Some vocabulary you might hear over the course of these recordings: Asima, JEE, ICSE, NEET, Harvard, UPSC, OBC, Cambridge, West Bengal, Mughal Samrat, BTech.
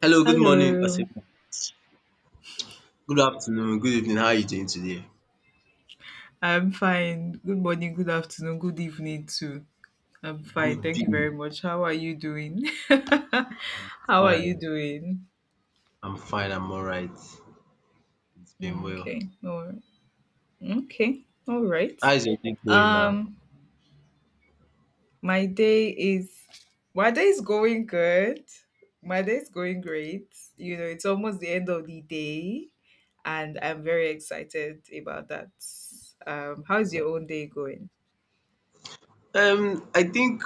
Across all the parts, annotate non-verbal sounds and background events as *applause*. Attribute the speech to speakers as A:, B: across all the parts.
A: Hello, good morning,
B: Hello.
A: Asima. Good afternoon, good evening. How are you doing today?
B: I'm fine. Good morning, good afternoon, good evening too. I'm fine.
A: Good
B: Thank you very
A: day.
B: much. How are you doing? *laughs* How are you
A: Fine.
B: doing?
A: I'm fine. I'm all right. It's been
B: Mm,
A: well.
B: okay. All right. Okay. All right.
A: How is your day going now?
B: Um my day is my day is going good. My day is going great. You know, it's almost the end of the day and I'm very excited about that. How's
A: Like,
B: your own day going?
A: I think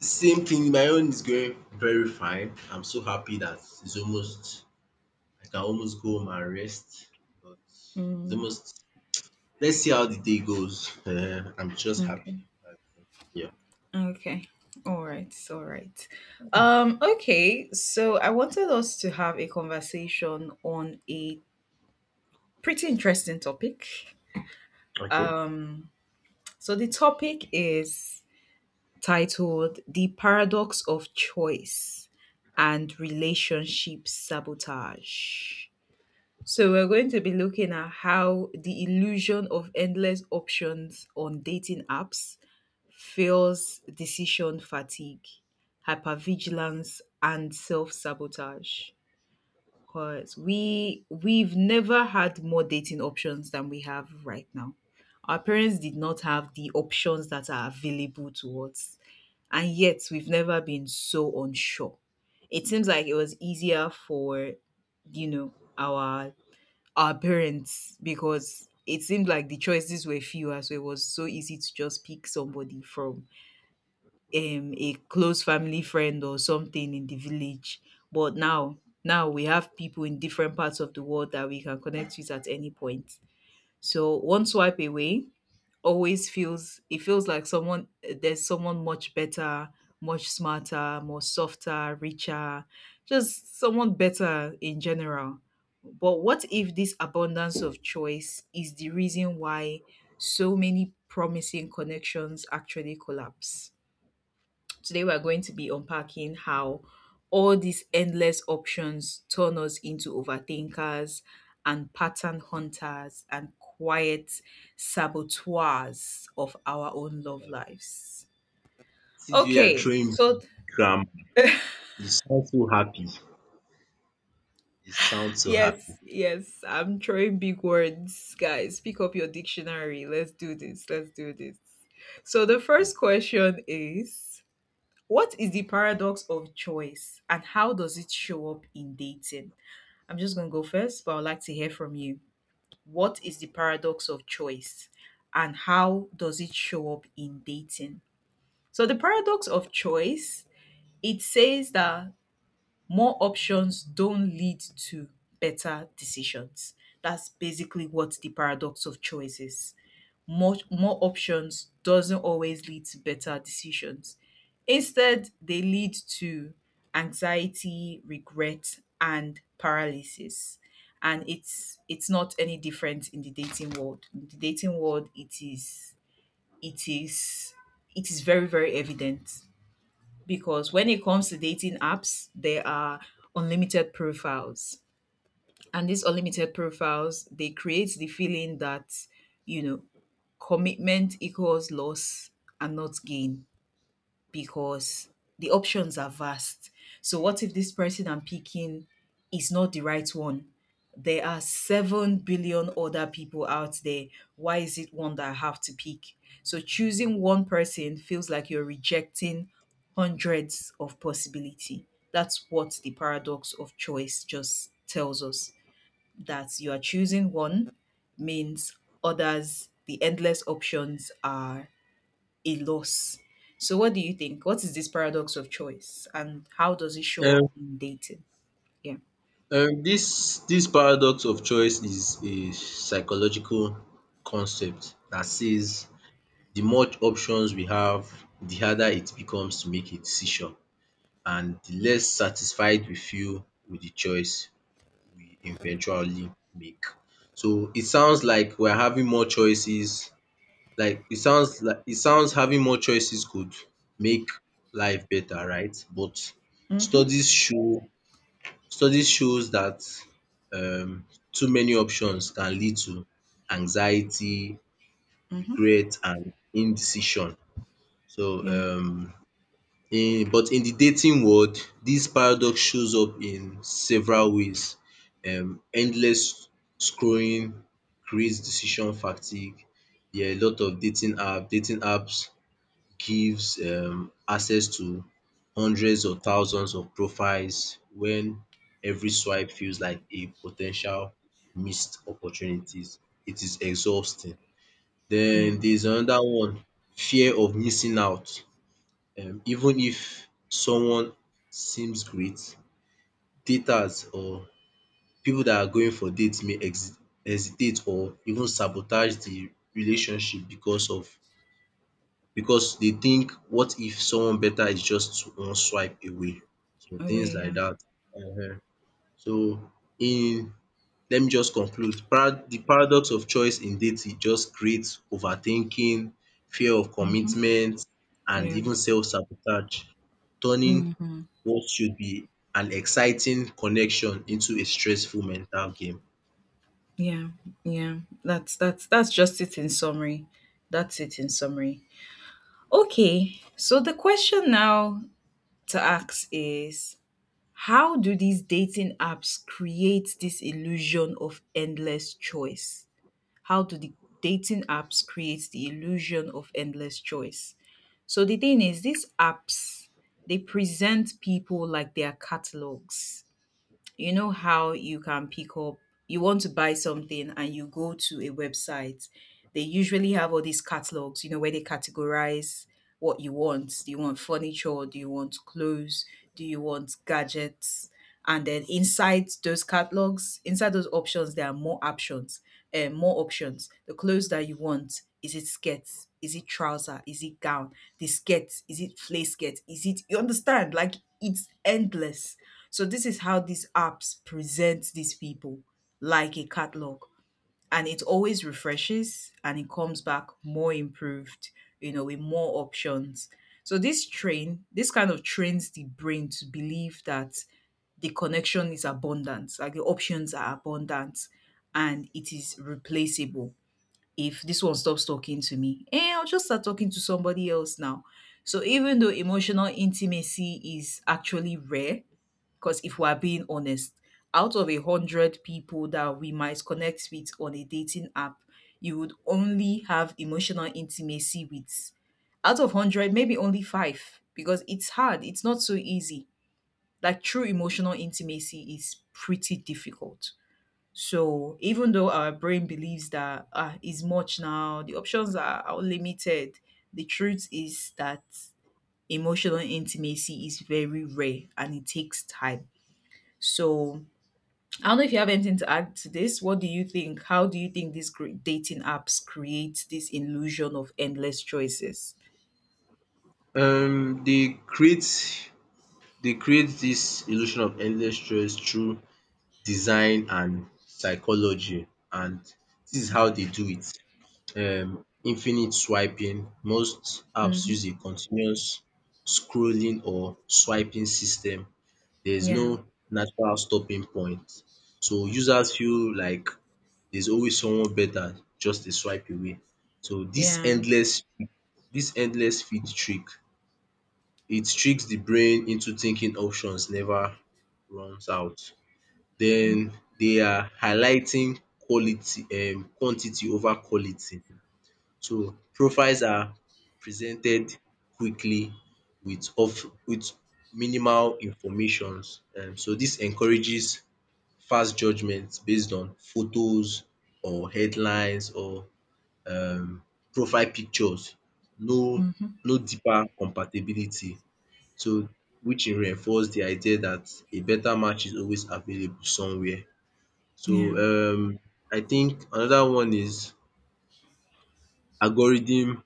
A: same thing. My own is going very fine. I'm so happy that it's almost. I can almost go home and rest. But it's
B: Mm,
A: almost. Let's see how the day goes. I'm just happy.
B: okay.
A: that- Yeah.
B: Okay. All right. All right. Okay. So I wanted us to have a conversation on a pretty interesting topic.
A: Okay.
B: Um, so the topic is titled The Paradox of Choice and Relationship Sabotage. So we're going to be looking at how the illusion of endless options on dating apps feels decision fatigue, hypervigilance, and self-sabotage. Because we've never had more dating options than we have right now. Our parents did not have the options that are available to us, and yet we've never been so unsure. It seems like it was easier for you know our our parents because it seemed like the choices were fewer, so it was so easy to just pick somebody from a close family friend or something in the village. But now we have people in different parts of the world that we can connect with at any point. So one swipe away, always feels it feels like someone there's someone much better, much smarter, more softer, richer, just someone better in general. But what if this abundance of choice is the reason why so many promising connections actually collapse? Today, we're going to be unpacking how all these endless options turn us into overthinkers and pattern hunters and quiet saboteurs of our own love lives.
A: See, you are
B: Okay,
A: throwing
B: so
A: grammar. You sound so happy. You sound so
B: yes,
A: happy.
B: yes, I'm throwing big words, guys. Pick up your dictionary. Let's do this. Let's do this. So, the first question is, what is the paradox of choice and how does it show up in dating? I'm just going to go first, but I'd like to hear from you. What is the paradox of choice and how does it show up in dating? So the paradox of choice, it says that more options don't lead to better decisions. That's basically what the paradox of choice is. More options doesn't always lead to better decisions. Instead, they lead to anxiety, regret, and paralysis. And it's not any different in the dating world. In the dating world, it is it is very very evident because when it comes to dating apps, there are unlimited profiles, and these unlimited profiles, they create the feeling that, you know, commitment equals loss and not gain, because the options are vast. So, what if this person I'm picking is not the right one? There are 7 billion other people out there. Why is it one that I have to pick? So, choosing one person feels like you're rejecting hundreds of possibility. That's what the paradox of choice just tells us, that you are choosing one means others, the endless options, are a loss. So, what do you think? What is this paradox of choice and how does it show up
A: um
B: in dating? Yeah.
A: dis paradox of choice is a psychological concept that says the more options we have, the harder it becomes to make a decision, and the less satisfied we feel with the choice we eventually make. So it sounds like we're having more choices, like it sounds having more choices could make life better, right? But
B: Mm-hmm.
A: studies show Studies shows that um too many options can lead to anxiety,
B: Mm-hmm.
A: regret, and indecision. So,
B: Yeah.
A: in but in the dating world, this paradox shows up in several ways. Endless scrolling creates decision fatigue. There are a lot of dating apps gives access to hundreds or thousands of profiles when every swipe feels like a potential missed opportunities. It is exhausting.
B: Yeah.
A: Then there's another one, fear of missing out. Even if someone seems great, daters or people that are going for dates may hesitate or even sabotage the relationship because they think, what if someone better is just one swipe away. So things
B: Away.
A: like
B: Yeah.
A: that. Ehen. So, in let me just conclude. Para the paradox of choice in dating just creates overthinking, fear of
B: Mm-hmm.
A: commitment, and
B: Yeah.
A: even self-sabotage, turning
B: Mm-hmm.
A: what should be an exciting connection into a stressful mental game.
B: Yeah. Yeah. That's just it in summary. That's it in summary. Okay. So the question now to ask is, how do these dating apps create this illusion of endless choice? How do the dating apps create the illusion of endless choice? So the thing is, these apps, they present people like their catalogs. You know, how you can pick up, you want to buy something and you go to a website. They usually have all these catalogs, you know, where they categorize what you want. Do you want furniture? Do you want clothes? Do you want gadgets? And then inside those catalogs, inside those options, there are more options, more options. The clothes that you want, is it skirt? Is it trouser? Is it gown? The skirt, is it flay skirt? Is it, you understand? Like, it's endless. So this is how these apps present these people, like a catalog. And it always refreshes and it comes back more improved, you know, with more options. So this kind of trains the brain to believe that the connection is abundant, like the options are abundant and it is replaceable. If this one stops talking to me, eh, I'll just start talking to somebody else now. So even though emotional intimacy is actually rare, because if we're being honest, out of 100 people that we might connect with on a dating app, you would only have emotional intimacy with, out of 100, maybe only five. Because it's hard, it's not so easy. Like true emotional intimacy is pretty difficult. So even though our brain believes that ah, is much now, the options are limited. The truth is that emotional intimacy is very rare and it takes time. So I don't know if you have anything to add to this. What do you think? How do you think dating apps create this illusion of endless choices?
A: Um they create they create this illusion of endless stress through design and psychology, and this is how
B: Okay.
A: they do it. Infinite swiping. Most apps
B: Mm-hmm.
A: use a continuous scrolling or swiping system. There is
B: Yeah.
A: no natural stopping point. So users feel like there's always someone better just a swipe away. So this
B: Yeah.
A: endless this endless feed trick, it tricks the brain into thinking options never runs out. Then they are highlighting quality quantity over quality. So profiles are presented quickly with minimal informations. So this encourages fast judgments based on photos or headlines or um profile pictures. No
B: Mm-hmm.
A: no deeper compatibility. So which e reinforce the idea that a better match is always available somewhere. So,
B: Yeah.
A: I think another one is algorithm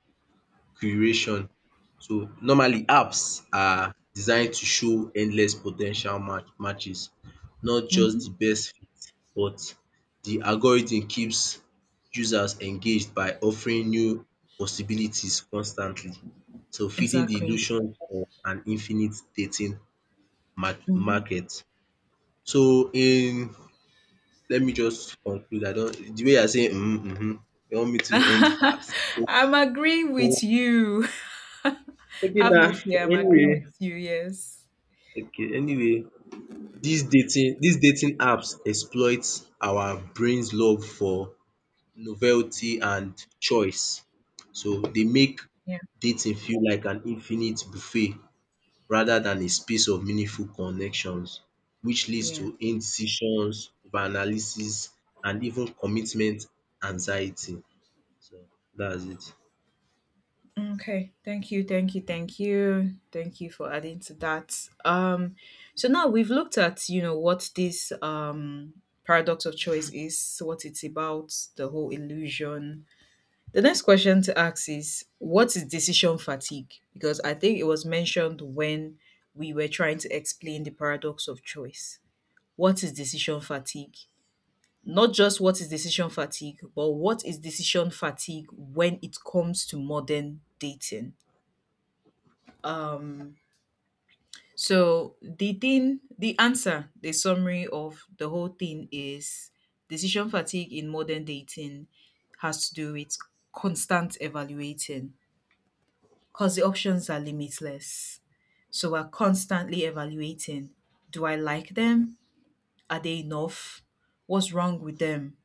A: curation. So normally, apps are designed to show endless potential matches, not
B: Mm-hmm.
A: just the best fit, but the algorithm keeps users engaged by offering new possibilities constantly. So feeding the
B: Exactly.
A: illusion of an infinite dating mar
B: Mm-hmm.
A: market. So, in let me just conclude. I don't. The way you are saying you want me to end
B: *laughs*
A: fast.
B: I'm agreeing with
A: Okay
B: you. *laughs* Have
A: na
B: no fear. I'm
A: anyway
B: agreeing with you. Yes.
A: Okay, anyway, these dating apps exploit our brain's love for novelty and choice. So they make
B: Yeah.
A: dating feel like an infinite buffet rather than a space of meaningful connections, which leads
B: Yeah.
A: to indecisions, over analysis, and even commitment anxiety. So that's it.
B: Okay, thank you, thank you, thank you, thank you for adding to that. So now we've looked at, you know, what this paradox of choice is, what it's about, the whole illusion. The next question to ask is, what is decision fatigue? Because I think it was mentioned when we were trying to explain the paradox of choice. What is decision fatigue? Not just what is decision fatigue, but what is decision fatigue when it comes to modern dating? Um, so the thing, the answer, the summary of the whole thing is, decision fatigue in modern dating has to do with constant evaluating, because the options are limitless. So we're constantly evaluating. Do I like them? Are they enough? What's wrong with them?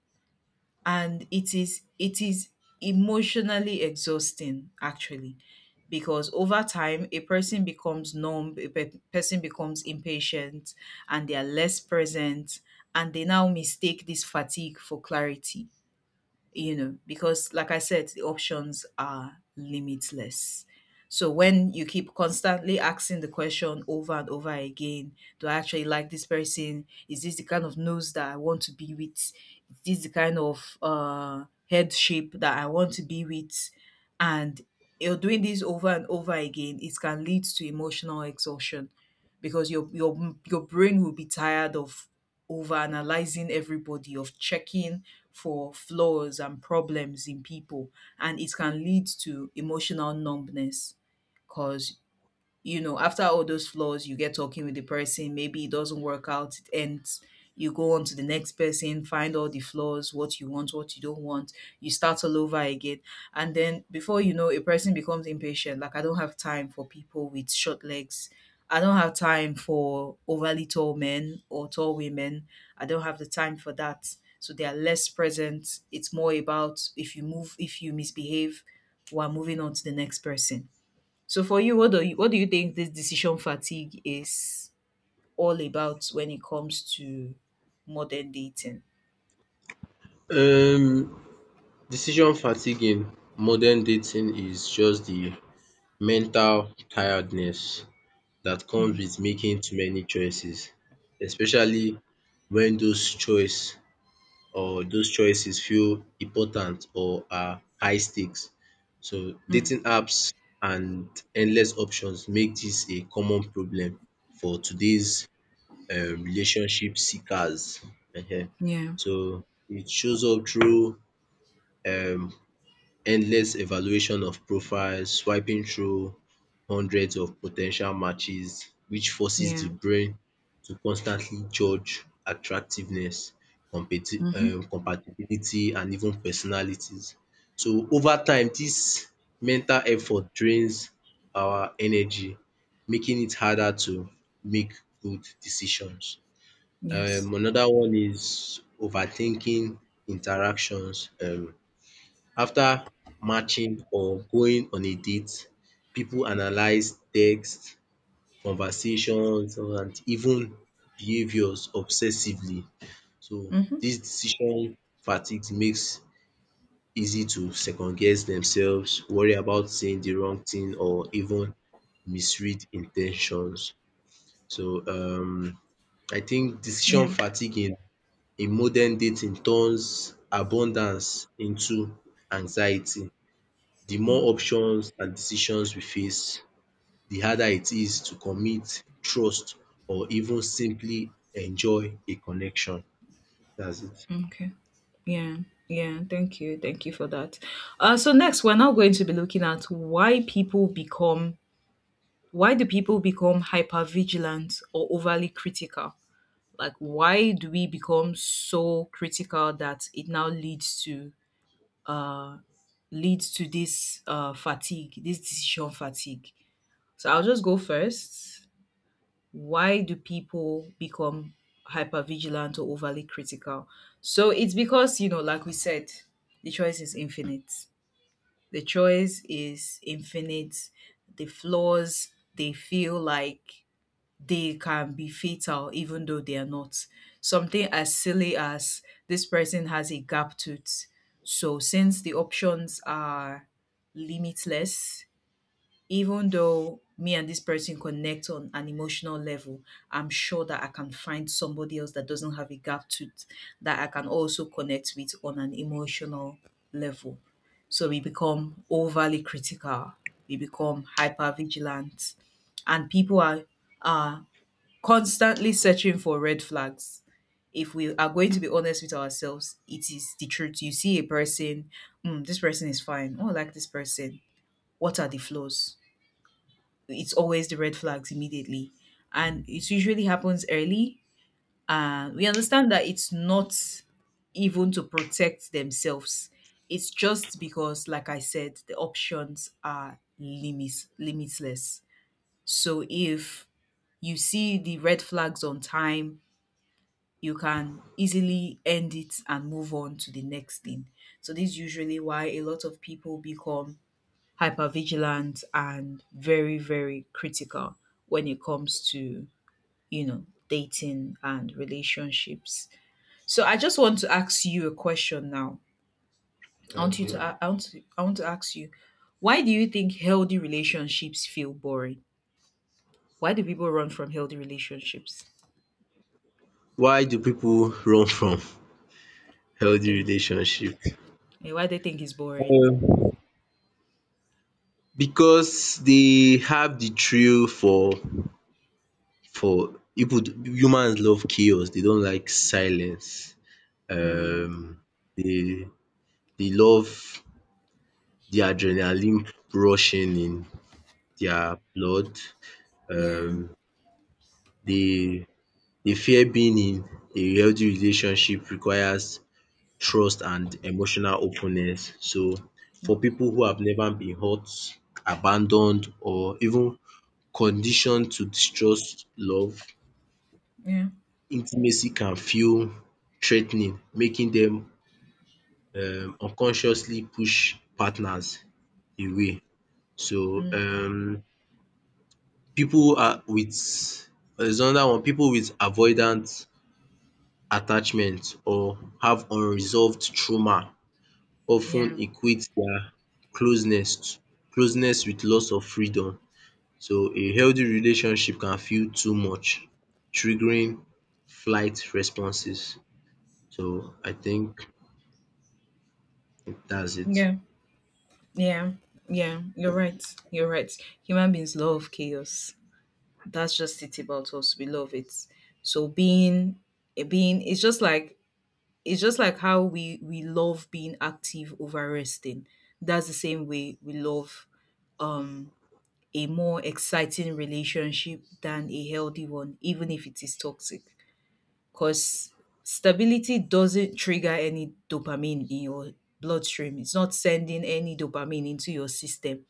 B: And it is emotionally exhausting, actually, because over time a person becomes numb, person becomes impatient and they are less present, and they now mistake this fatigue for clarity, you know, because like I said, the options are limitless. So when you keep constantly asking the question over and over again, do I actually like this person? Is this the kind of nose that I want to be with? Is this the kind of head shape that I want to be with? And you're doing this over and over again, it can lead to emotional exhaustion because your brain will be tired of over analyzing everybody, of checking for flaws and problems in people, and it can lead to emotional numbness because, you know, after all those flaws, you get talking with the person, maybe it doesn't work out, it ends. You go on to the next person, find all the flaws, what you want, what you don't want. You start all over again. And then before you know, a person becomes impatient. Like, I don't have time for people with short legs. I don't have time for overly tall men or tall women. I don't have the time for that. So they are less present. It's more about, if you move, if you misbehave, we're moving on to the next person. So for you, what do you, what do you think this decision fatigue is all about when it comes to modern dating?
A: Um, decision fatigue in modern dating is just the mental tiredness that comes
B: Mm.
A: with making too many choices, especially when those choices feel important or are high stakes. So
B: Mm.
A: dating apps and endless options make this a common problem for today's relationship seekers. um
B: Yeah.
A: So it shows up through um endless evaluation of profiles, swiping through hundreds of potential matches, which forces the
B: Yeah.
A: brain to constantly judge attractiveness, competi um
B: Mm-hmm.
A: compatibility and even personalities. So over time, this mental effort drains our energy, making it harder to make good decisions.
B: Yes.
A: Another one is overthinking interactions. After matching or going on a date, people analyze text, conversations, and even behaviours obsessively. So
B: Mm-hmm.
A: dis decision fatigue makes easy to second guess themselves, worry about saying the wrong thing, or even misread intentions. So I think decision
B: Yeah.
A: fatigue in modern dating turns abundance into anxiety. The more options and decisions we face, the harder it is to commit, trust, or even simply enjoy a connection. That's it.
B: Okay. Yeah. Yeah. Thank you. Thank you for that. So next, we're now going to be looking at why people become, why do people become hyper vigilant or overly critical? Like, why do we become so critical that it now leads to uh, leads to this fatigue, this decision fatigue. So I'll just go first. Why do people become hypervigilant or overly critical? So it's because, you know, like we said, the choice is infinite. The choice is infinite. The flaws, they feel like they can be fatal even though they are not. Something as silly as, this person has a gap tooth. So, since the options are limitless, even though me and this person connect on an emotional level, I'm sure that I can find somebody else that doesn't have a gap tooth that I can also connect with on an emotional level. So we become overly critical, we become hyper vigilant, and people are constantly searching for red flags. If we are going to be honest with ourselves, it is the truth. You see a person, mm, this person is fine. Oh, I like this person. What are the flaws? It's always the red flags immediately. And it usually happens early. We understand that it's not even to protect themselves. It's just because, like I said, the options are limitless. So if you see the red flags on time, you can easily end it and move on to the next thing. So this is usually why a lot of people become hypervigilant and very, very critical when it comes to, dating and relationships. So I just want to ask you a question now. I want you to
A: Okay.
B: I want to, I want to ask you, why do you think healthy relationships feel boring? Why do people run from healthy relationships?
A: Why do people run from *laughs* healthy
B: Yeah.
A: relationship?
B: Yeah, why they think it's boring?
A: Um because they have the thrill for people humans love chaos. They don't like silence.
B: Hmm.
A: Um they They love the adrenaline rushing in their blood.
B: Yeah.
A: um They they fear being in a healthy relationship requires trust and emotional openness. So for people who have never been hurt, abandoned, or even conditioned to distrust love,
B: Yeah.
A: intimacy can feel threatening, making them unconsciously push partners away. So
B: Mm,
A: um people are with there's another one, people with avoidant attachment or have unresolved trauma
B: yeah,
A: often equate their closeness closeness with loss of freedom. So a healthy relationship can feel too much, triggering flight responses. So I think that's it.
B: yeah, yeah, yeah. You're right. You're right. Human beings love chaos. That's just it about us. We love it. So being it's just like how we love being active over resting. That's the same way we love um a more exciting relationship than a healthy one, even if it is toxic. Because stability doesn't trigger any dopamine in your bloodstream. It's not sending any dopamine into your system.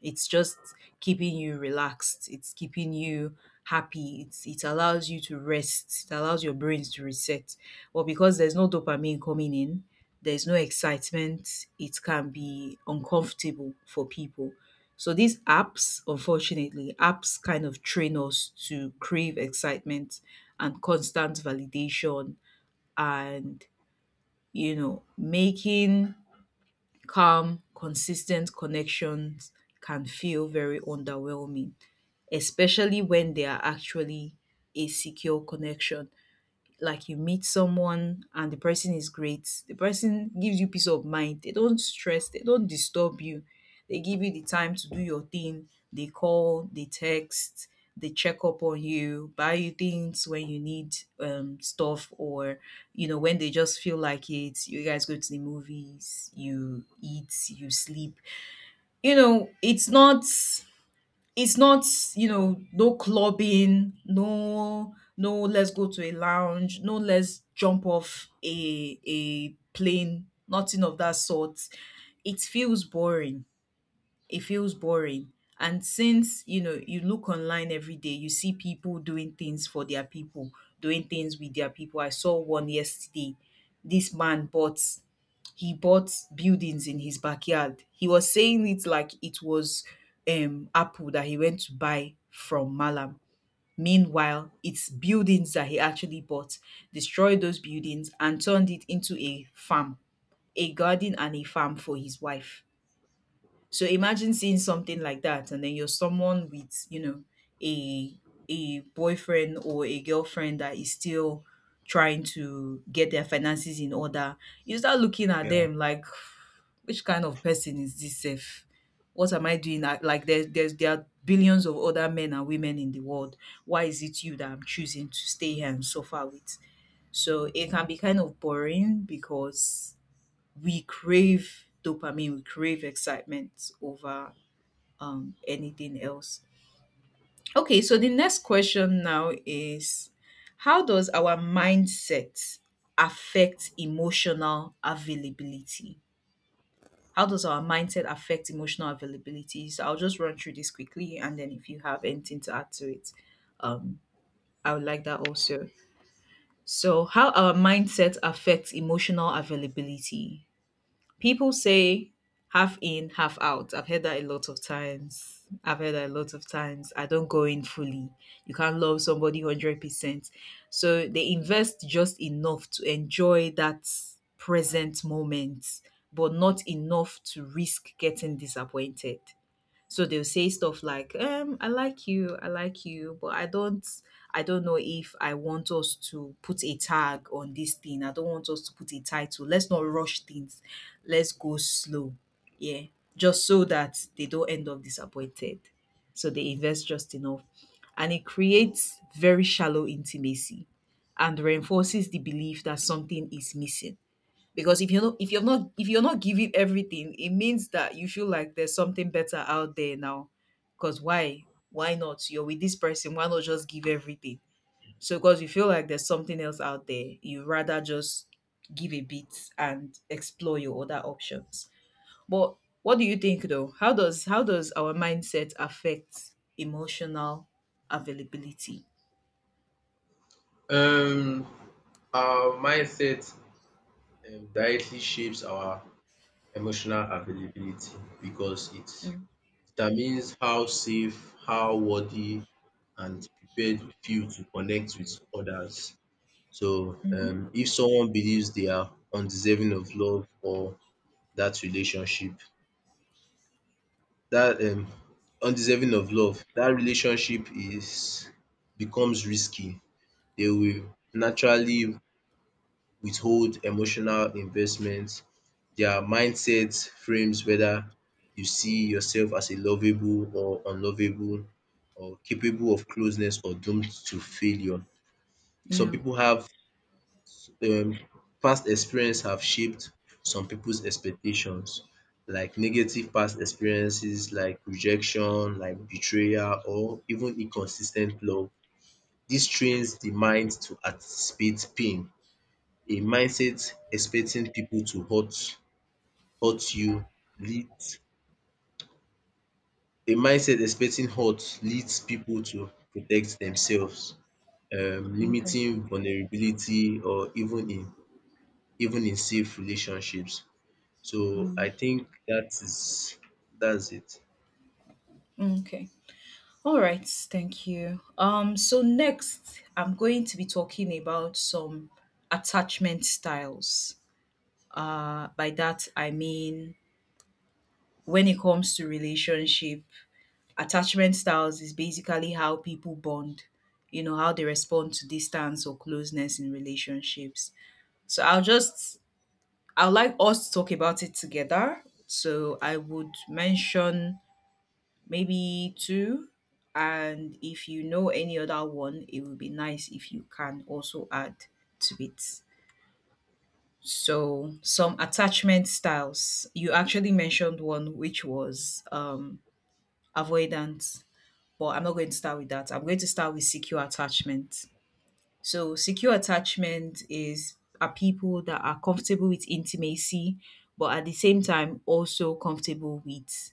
B: It's just keeping you relaxed. It's keeping you happy. It allows you to rest. It allows your brains to reset. But because there's no dopamine coming in, there's no excitement, it can be uncomfortable for people. So these apps, unfortunately, apps kind of train us to crave excitement and constant validation and making calm, consistent connections can feel very underwhelming, especially when they are actually a secure connection like you meet someone and the person is great. The person gives you peace of mind. They don't stress, they don't disturb you. They give you the time to do your thing. They call, they text, they check up on you, buy you things when you need stuff or when they just feel like it. You guys go to the movies, you eat, you sleep. You know, it's not, no clubbing, no let's go to a lounge, no let's jump off a plane, nothing of that sort. It feels boring. It feels boring. And since, you know, you look online every day, you see people doing things for their people, doing things with their people. I saw one yesterday. This man bought he bought buildings in his backyard. He was saying it like it was apple that he went to buy from Malam. Meanwhile, it's buildings that he actually bought, destroyed those buildings and turned it into a farm, a garden and a farm for his wife. So imagine seeing something like that, and then you're someone with, you know, a boyfriend or a girlfriend that is still trying to get their finances in order. You start looking at
A: Yeah.
B: them like, which kind of person is this? If what am I doing? Like there are billions of other men and women in the world. Why is it you that I'm choosing to stay here and suffer with? So it can be kind of boring because we crave dopamine, we crave excitement over anything else. Okay, so the next question now is how does our mindset affect emotional availability? How does our mindset affect emotional availability? So I'll just run through this quickly and then if you have anything to add to it, um, I would like that also. So, how our mindset affects emotional availability. People say half in, half out. I've heard that a lot of times. I've heard that a lot of times. I don't go in fully. You can't love somebody 100%. So they invest just enough to enjoy that present moment, but not enough to risk getting disappointed. So they'll say stuff like I like you, I like you, but I don't know if I want us to put a tag on this thing. I don't want us to put a title. Let's not rush things, let's go slow, yeah, just so that they don't end up disappointed. So they invest just enough, and it creates very shallow intimacy and reinforces the belief that something is missing. Because if you're not, if you're not giving everything, it means that you feel like there's something better out there now. Because why not? You're with this person, why not just give everything? So because you feel like there's something else out there, you rather just give a bit and explore your other options. But what do you think, though? How does our mindset affect emotional availability?
A: Um, our mindset directly shapes our emotional availability because it
B: Mm.
A: determines how safe, how worthy, and prepared you feel to connect with others. So if someone believes they are undeserving of love or dat relationship, dat undeserving of love, dat relationship is becomes risky. They will naturally withhold emotional investment. Their mindset frames whether you see yourself as a lovable or unlovable, or capable of closeness or doomed to failure. Some
B: Yeah.
A: people have um, past experience have shaped some people's expectations, like negative past experiences, like rejection, like betrayal, or even inconsistent love. This trains the mind to anticipate pain. A mindset expecting people to hurt you leads. A mindset expecting hurt leads people to protect themselves,
B: Okay.
A: limiting vulnerability, or even in even in safe relationships. So I think that's it.
B: Okay. All right, thank you. So next, I'm going to be talking about some attachment styles. By that, I mean when it comes to relationship, attachment styles is basically how people bond, you know, how they respond to distance or closeness in relationships. So I'd like us to talk about it together. So I would mention maybe two. And if you know any other one, it would be nice if you can also add to it. So, some attachment styles. You actually mentioned one, which was avoidance, but I'm not going to start with that. I'm going to start with secure attachment. So secure attachment is are people that are comfortable with intimacy, but at the same time also comfortable with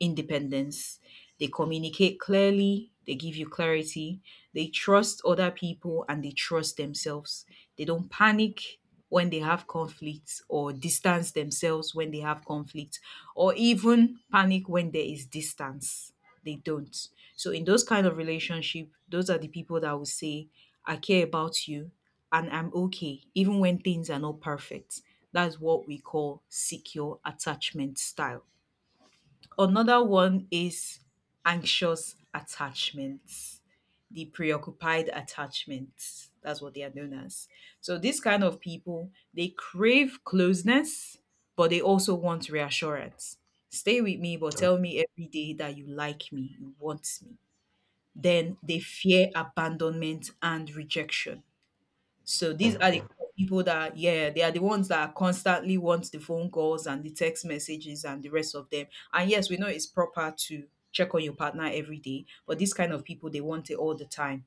B: independence. They communicate clearly, they give you clarity, they trust other people and they trust themselves. They don't panic when they have conflicts or distance themselves when they have conflict or even panic when there is distance, they don't. So in those kind of relationship, those are the people that will say, I care about you and I'm okay, even when things are not perfect. That's what we call secure attachment style. Another one is anxious attachments, the preoccupied attachments. That's what they are known as. So these kind of people, they crave closeness, but they also want reassurance. Stay with me, but tell me every day that you like me, you want me. Then they fear abandonment and rejection. So these are
A: Thank
B: the
A: you.
B: kind of people that, yeah, they are the ones that constantly want the phone calls and the text messages and the rest of them. And yes, we know it's proper to check on your partner every day, but these kind of people, they want it all the time.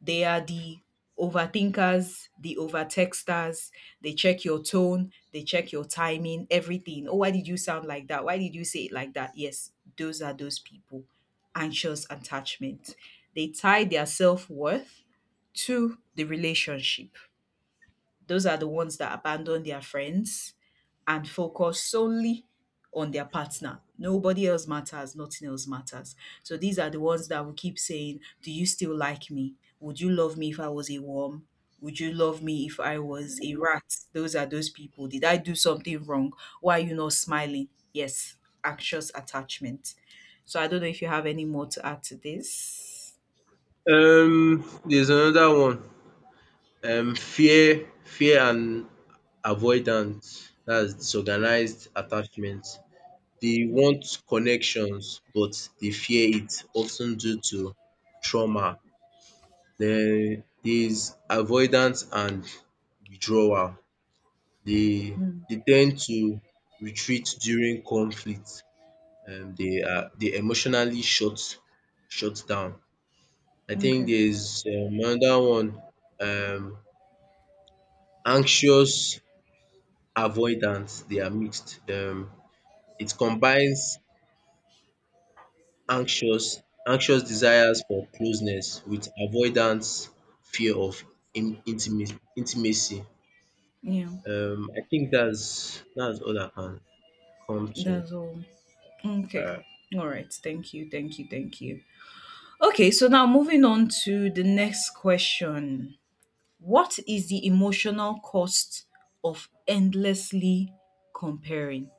B: They are the overthinkers, the overtexters. They check your tone, they check your timing, everything. Oh, why did you sound like that? Why did you say it like that? Yes, those are those people. Anxious attachment. They tie their self worth to the relationship. Those are the ones that abandon their friends and focus solely on their partner. Nobody else matters, nothing else matters. So these are the ones that will keep saying, do you still like me? Would you love me if I was a worm? Would you love me if I was a rat? Those are those people. Did I do something wrong? Why are you not smiling? Yes, anxious attachment. So I don't know if you have any more to add to this.
A: There's another one. Fear and avoidance. That's
B: Yeah.
A: disorganized attachment. They want connections, but they fear it, often due to trauma. Then there's avoidance and withdrawal. They
B: Mm,
A: they tend to retreat during conflict. They emotionally shut down. I think
B: okay.
A: there's another one. Um, anxious avoidance. They are mixed. It combines anxious desires for closeness with avoidance, fear of in intimate intimacy.
B: Yeah,
A: I think that's all I can come to.
B: that's all. Okay. All right. Thank you. Thank you. Thank you. Okay. So now moving on to the next question. What is the emotional cost of endlessly comparing?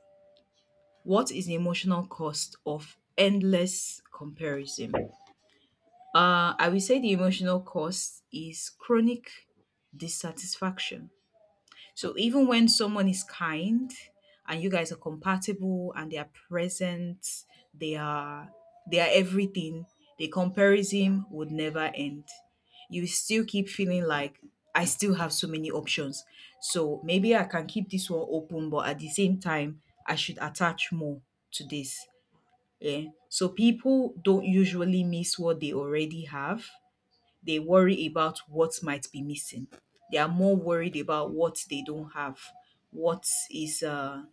B: What is the emotional cost of endless comparison? I will say the emotional cost is chronic dissatisfaction. So even when someone is kind and you guys are compatible and they are present, they are they are everything, the comparison would never end. You still keep feeling like I still have so many options. So maybe I can keep this one open, but at the same time, I should attach more to this. Yeah. So people don't usually miss what they already have, they worry about what might be missing. They are more worried about what they don't have, what is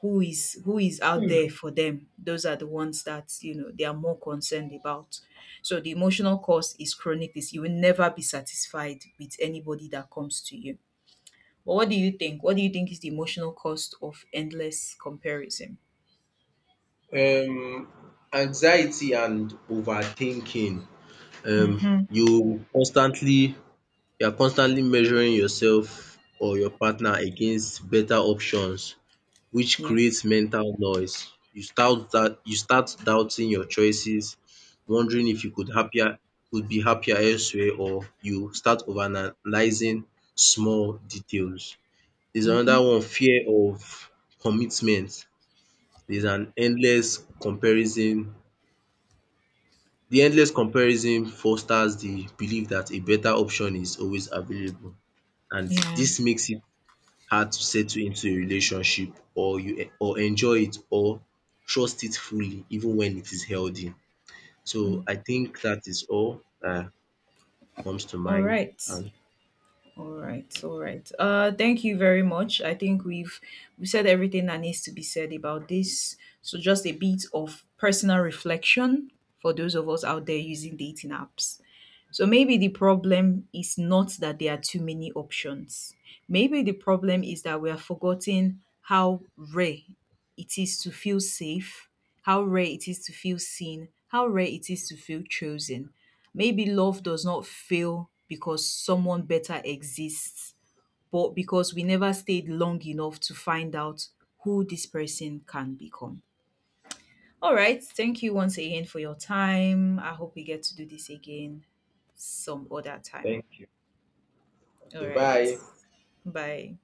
B: who is, who is out there for them. Those are the ones that, you know, they are more concerned about. So the emotional cost is chronic. This you will never be satisfied with anybody that comes to you. But what do you think? What do you think is the emotional cost of endless comparison?
A: Um anxiety and overthinking. Um
B: Mm-hmm.
A: you constantly you are constantly measuring yourself or your partner against better options, which
B: Yeah.
A: creates mental noise. You start doubting your choices, wondering if you could be happier elsewhere, or you start overanalyzing small details. There's
B: Mm-hmm.
A: another one, fear of commitment. There's an endless comparison. The endless comparison fosters the belief that a better option is always available, and
B: Yeah.
A: this makes it hard to settle into a relationship, or enjoy it, or trust it fully, even when it is healthy. So I think that is all that comes to
B: All
A: mind,
B: right.
A: and
B: All right, all right. Thank you very much. I think we said everything that needs to be said about this. So just a bit of personal reflection for those of us out there using dating apps. So maybe the problem is not that there are too many options. Maybe the problem is that we are forgetting how rare it is to feel safe, how rare it is to feel seen, how rare it is to feel chosen. Maybe love does not fail because someone better exists, but because we never stayed long enough to find out who this person can become. All right. Thank you once again for your time. I hope we get to do this again some other time.
A: thank you.
B: All
A: Okay,
B: right.
A: bye.
B: Bye.